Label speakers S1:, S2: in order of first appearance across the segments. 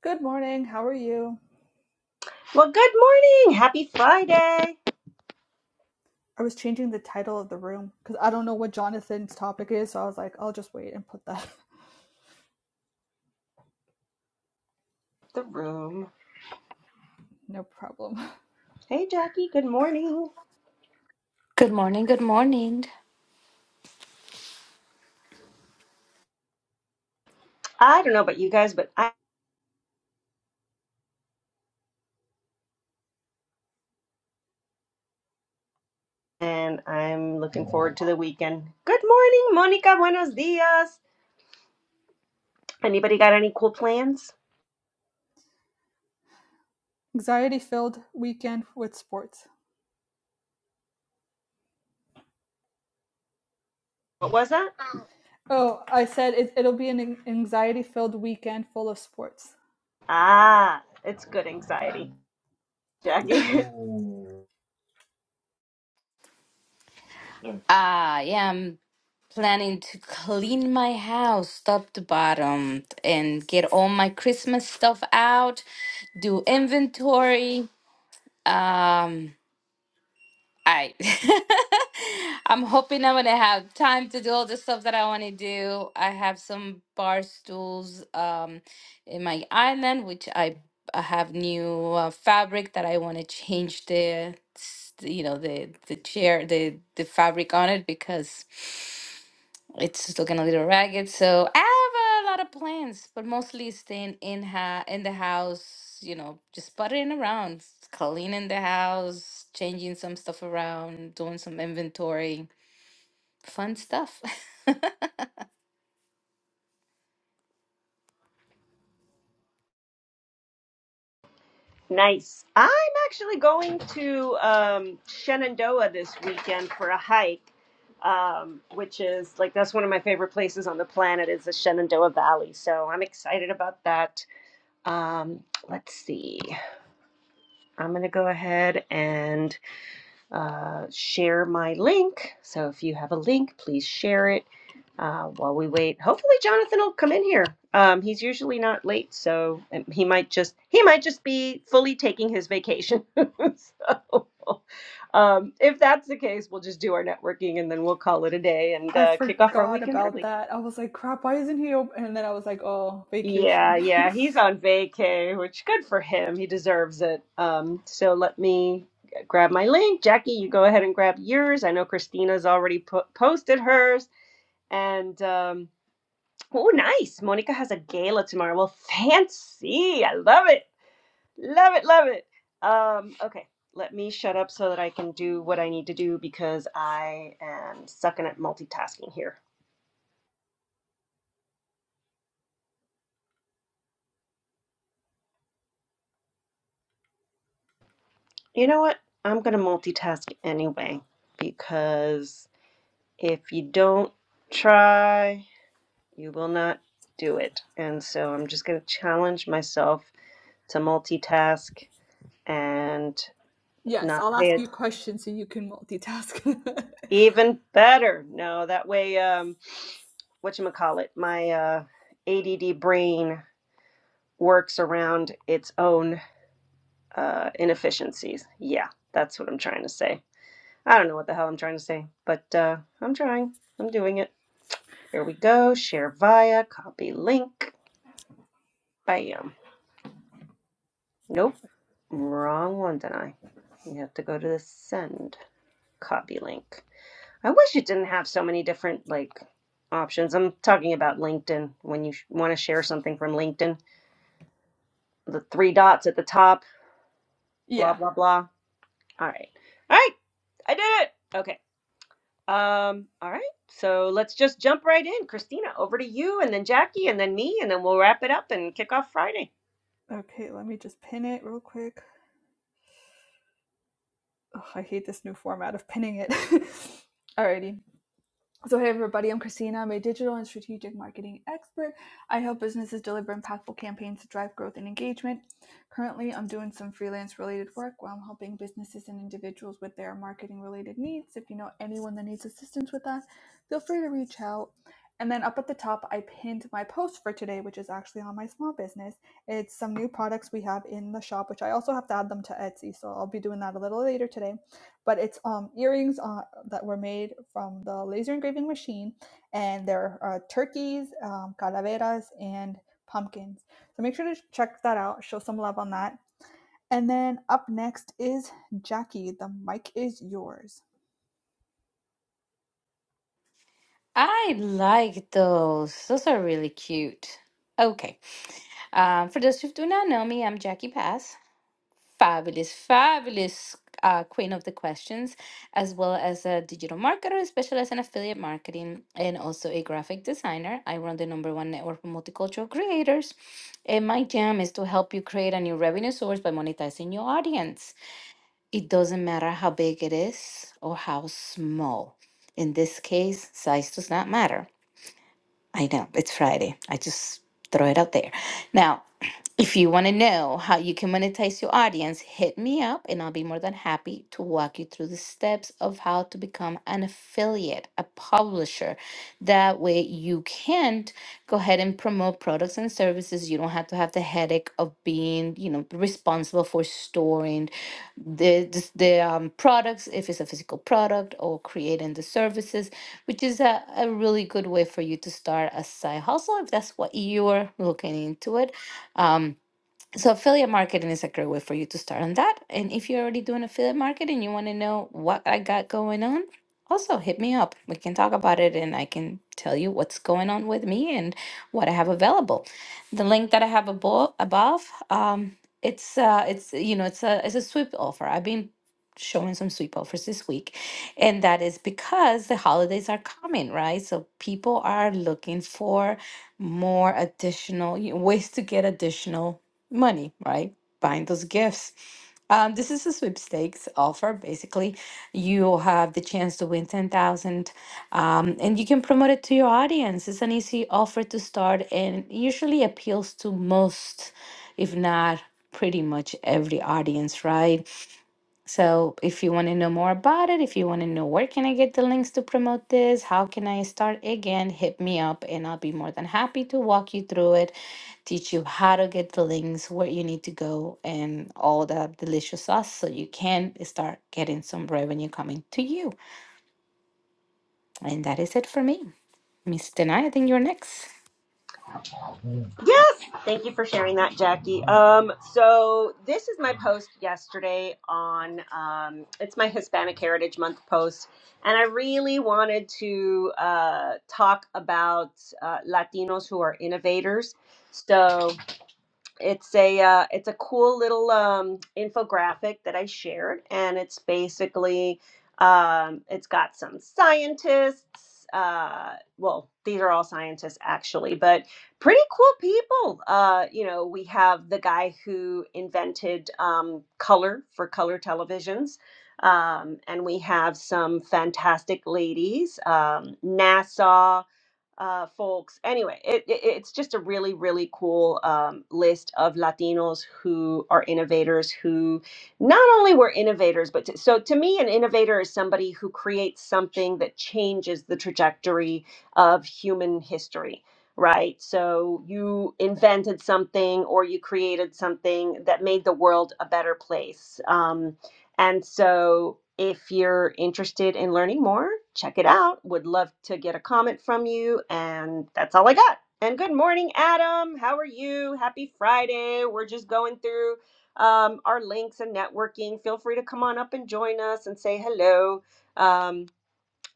S1: Good morning. How are you?
S2: Well, good morning. Happy Friday.
S1: I was changing the title of the room because I don't know what Jonathan's topic is. So I was like, I'll just wait and put that.
S2: The room.
S1: no problem.
S2: Hey, Jackie. Good morning.
S3: Good morning, good morning.
S2: I don't know about you guys, but I and I'm looking forward to the weekend. Good morning, Monica. Buenos dias. Anybody got any cool plans?
S1: Anxiety filled weekend with sports.
S2: What was that?
S1: Oh, I said it, it'll be an anxiety filled weekend full of sports.
S2: Ah, it's good anxiety, Jackie.
S3: I am planning to clean my house top to bottom and get all my Christmas stuff out, do inventory. Um I I'm hoping I'm gonna have time to do all the stuff that I want to do. I have some bar stools um in my island, which I I have new uh, fabric that I want to change the s- you know the the chair the the fabric on it because it's looking a little ragged. So I have a lot of plans, but mostly staying in ha in the house, you know, just puttering around, cleaning the house, changing some stuff around, doing some inventory. Fun stuff.
S2: nice. I'm actually going to um, Shenandoah this weekend for a hike. Um, which is like that's one of my favorite places on the planet is the Shenandoah Valley. So I'm excited about that. Um, let's see. I'm going to go ahead and uh, share my link. So if you have a link, please share it uh, while we wait. Hopefully, Jonathan will come in here. Um, he's usually not late, so um, he might just he might just be fully taking his vacation. so um, if that's the case, we'll just do our networking and then we'll call it a day and
S1: I
S2: uh, kick off our
S1: forgot
S2: weekend early.
S1: about that. I was like, crap, why isn't he open? And then I was like, oh,
S2: Yeah,
S1: vacation.
S2: yeah, he's on vacay, which good for him. He deserves it. Um, so let me grab my link. Jackie, you go ahead and grab yours. I know Christina's already po- posted hers. And um, oh, nice. Monica has a gala tomorrow. Well, fancy. I love it. Love it, love it. Um, okay, let me shut up so that I can do what I need to do because I am sucking at multitasking here. You know what? I'm gonna multitask anyway because if you don't try, you will not do it. And so I'm just going to challenge myself to multitask and
S1: yes,
S2: not
S1: I'll ask
S2: pay it
S1: you questions so you can multitask.
S2: even better. No, that way, um, whatchamacallit, my uh, ADD brain works around its own uh, inefficiencies. Yeah, that's what I'm trying to say. I don't know what the hell I'm trying to say, but uh, I'm trying. I'm doing it. Here we go. Share via, copy link. Bam. Nope, wrong one, did I? You have to go to the send copy link. I wish it didn't have so many different like options. I'm talking about LinkedIn when you sh- want to share something from LinkedIn. The three dots at the top, blah
S1: yeah.
S2: blah blah. All right. All right. I did it. Okay. Um all right. So let's just jump right in. Christina, over to you and then Jackie and then me and then we'll wrap it up and kick off Friday.
S1: Okay, let me just pin it real quick. Ugh, I hate this new format of pinning it. Alrighty. So, hey everybody, I'm Christina. I'm a digital and strategic marketing expert. I help businesses deliver impactful campaigns to drive growth and engagement. Currently, I'm doing some freelance related work where I'm helping businesses and individuals with their marketing related needs. If you know anyone that needs assistance with that, feel free to reach out. And then up at the top, I pinned my post for today, which is actually on my small business. It's some new products we have in the shop, which I also have to add them to Etsy. So I'll be doing that a little later today but it's um, earrings uh, that were made from the laser engraving machine, and there are turkeys, um, calaveras, and pumpkins. So make sure to check that out. Show some love on that. And then up next is Jackie. The mic is yours.
S3: I like those. Those are really cute. Okay. Um, for those who do not know me, I'm Jackie Pass. Fabulous, fabulous uh, queen of the questions, as well as a digital marketer, specialist in affiliate marketing, and also a graphic designer. I run the number one network for multicultural creators, and my jam is to help you create a new revenue source by monetizing your audience. It doesn't matter how big it is or how small. In this case, size does not matter. I know it's Friday. I just throw it out there. Now, if you want to know how you can monetize your audience, hit me up and I'll be more than happy to walk you through the steps of how to become an affiliate, a publisher. That way you can go ahead and promote products and services. You don't have to have the headache of being, you know, responsible for storing the the, the um, products if it's a physical product or creating the services which is a, a really good way for you to start a side hustle if that's what you're looking into it. Um, so affiliate marketing is a great way for you to start on that. And if you're already doing affiliate marketing, you want to know what I got going on, also hit me up. We can talk about it and I can tell you what's going on with me and what I have available. The link that I have above, above um, it's uh, it's you know it's a it's a sweep offer. I've been showing some sweep offers this week, and that is because the holidays are coming, right? So people are looking for more additional you know, ways to get additional money, right? Buying those gifts. Um, this is a sweepstakes offer. Basically, you have the chance to win 10,000 um, and you can promote it to your audience. It's an easy offer to start and usually appeals to most, if not pretty much every audience, right? So if you want to know more about it, if you want to know where can I get the links to promote this, how can I start again, hit me up and I'll be more than happy to walk you through it, teach you how to get the links, where you need to go and all that delicious sauce so you can start getting some revenue coming to you. And that is it for me. Miss Denai, I think you're next.
S2: Yes. Thank you for sharing that, Jackie. Um, so this is my post yesterday on um, it's my Hispanic Heritage Month post, and I really wanted to uh, talk about uh, Latinos who are innovators. So it's a uh, it's a cool little um, infographic that I shared, and it's basically um, it's got some scientists. Uh, well, these are all scientists actually, but pretty cool people. Uh, you know, we have the guy who invented um, color for color televisions. Um, and we have some fantastic ladies. Um, NASA uh, folks. Anyway, it, it, it's just a really, really cool um, list of Latinos who are innovators, who not only were innovators, but to, so to me, an innovator is somebody who creates something that changes the trajectory of human history. Right. So you invented something or you created something that made the world a better place. Um, and so, if you're interested in learning more, check it out. Would love to get a comment from you. And that's all I got. And good morning, Adam. How are you? Happy Friday. We're just going through um, our links and networking. Feel free to come on up and join us and say hello. Um,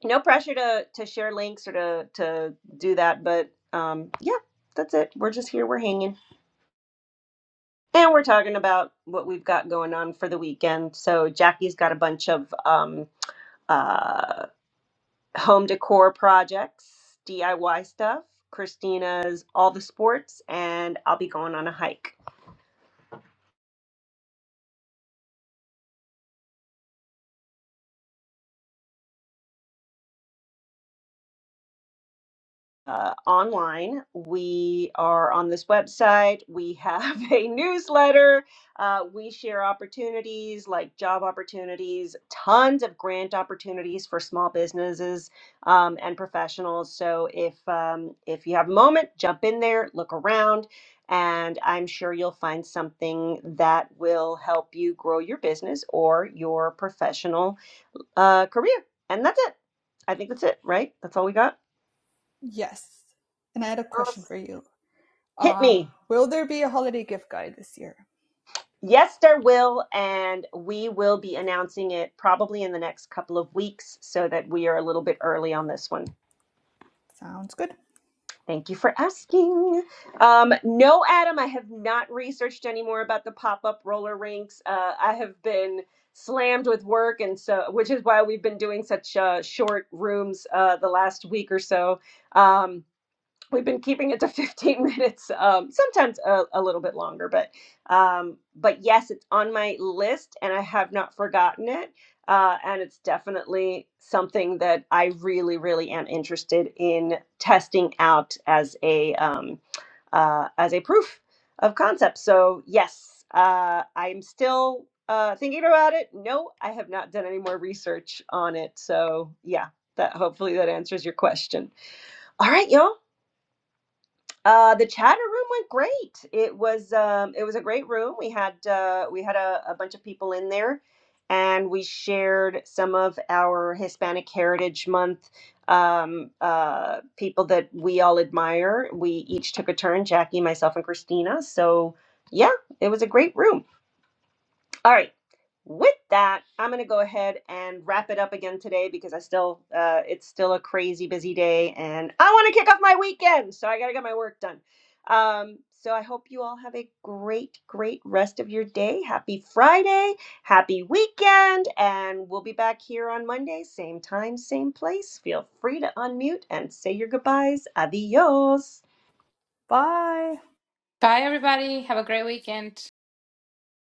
S2: no pressure to, to share links or to, to do that. But um, yeah, that's it. We're just here. We're hanging. And we're talking about what we've got going on for the weekend. So Jackie's got a bunch of um, uh, home decor projects, DIY stuff, Christina's all the sports, and I'll be going on a hike. uh, online. We are on this website. We have a newsletter. Uh, we share opportunities like job opportunities, tons of grant opportunities for small businesses um, and professionals. So if um, if you have a moment, jump in there, look around, and I'm sure you'll find something that will help you grow your business or your professional uh, career. And that's it. I think that's it, right? That's all we got.
S1: Yes. And I had a question
S2: Awesome.
S1: for you.
S2: Hit
S1: Um,
S2: me.
S1: will there be a holiday gift guide this year?
S2: Yes, there will, and we will be announcing it probably in the next couple of weeks so that we are a little bit early on this one.
S1: Sounds good.
S2: Thank you for asking. Um, no, Adam, I have not researched any more about the pop up roller rinks. Uh, I have been slammed with work, and so which is why we've been doing such uh, short rooms uh, the last week or so. Um, we've been keeping it to 15 minutes um, sometimes a, a little bit longer but um, but yes it's on my list and i have not forgotten it uh, and it's definitely something that i really really am interested in testing out as a um, uh, as a proof of concept so yes uh, i'm still uh, thinking about it no i have not done any more research on it so yeah that hopefully that answers your question all right, y'all. Uh, the chatter room went great. It was um, it was a great room. We had uh, we had a, a bunch of people in there, and we shared some of our Hispanic Heritage Month um, uh, people that we all admire. We each took a turn, Jackie, myself, and Christina. So yeah, it was a great room. All right. With that, I'm going to go ahead and wrap it up again today because I still, uh, it's still a crazy busy day and I want to kick off my weekend. So I got to get my work done. Um, so I hope you all have a great, great rest of your day. Happy Friday. Happy weekend. And we'll be back here on Monday, same time, same place. Feel free to unmute and say your goodbyes. Adios.
S1: Bye.
S3: Bye everybody. Have a great weekend.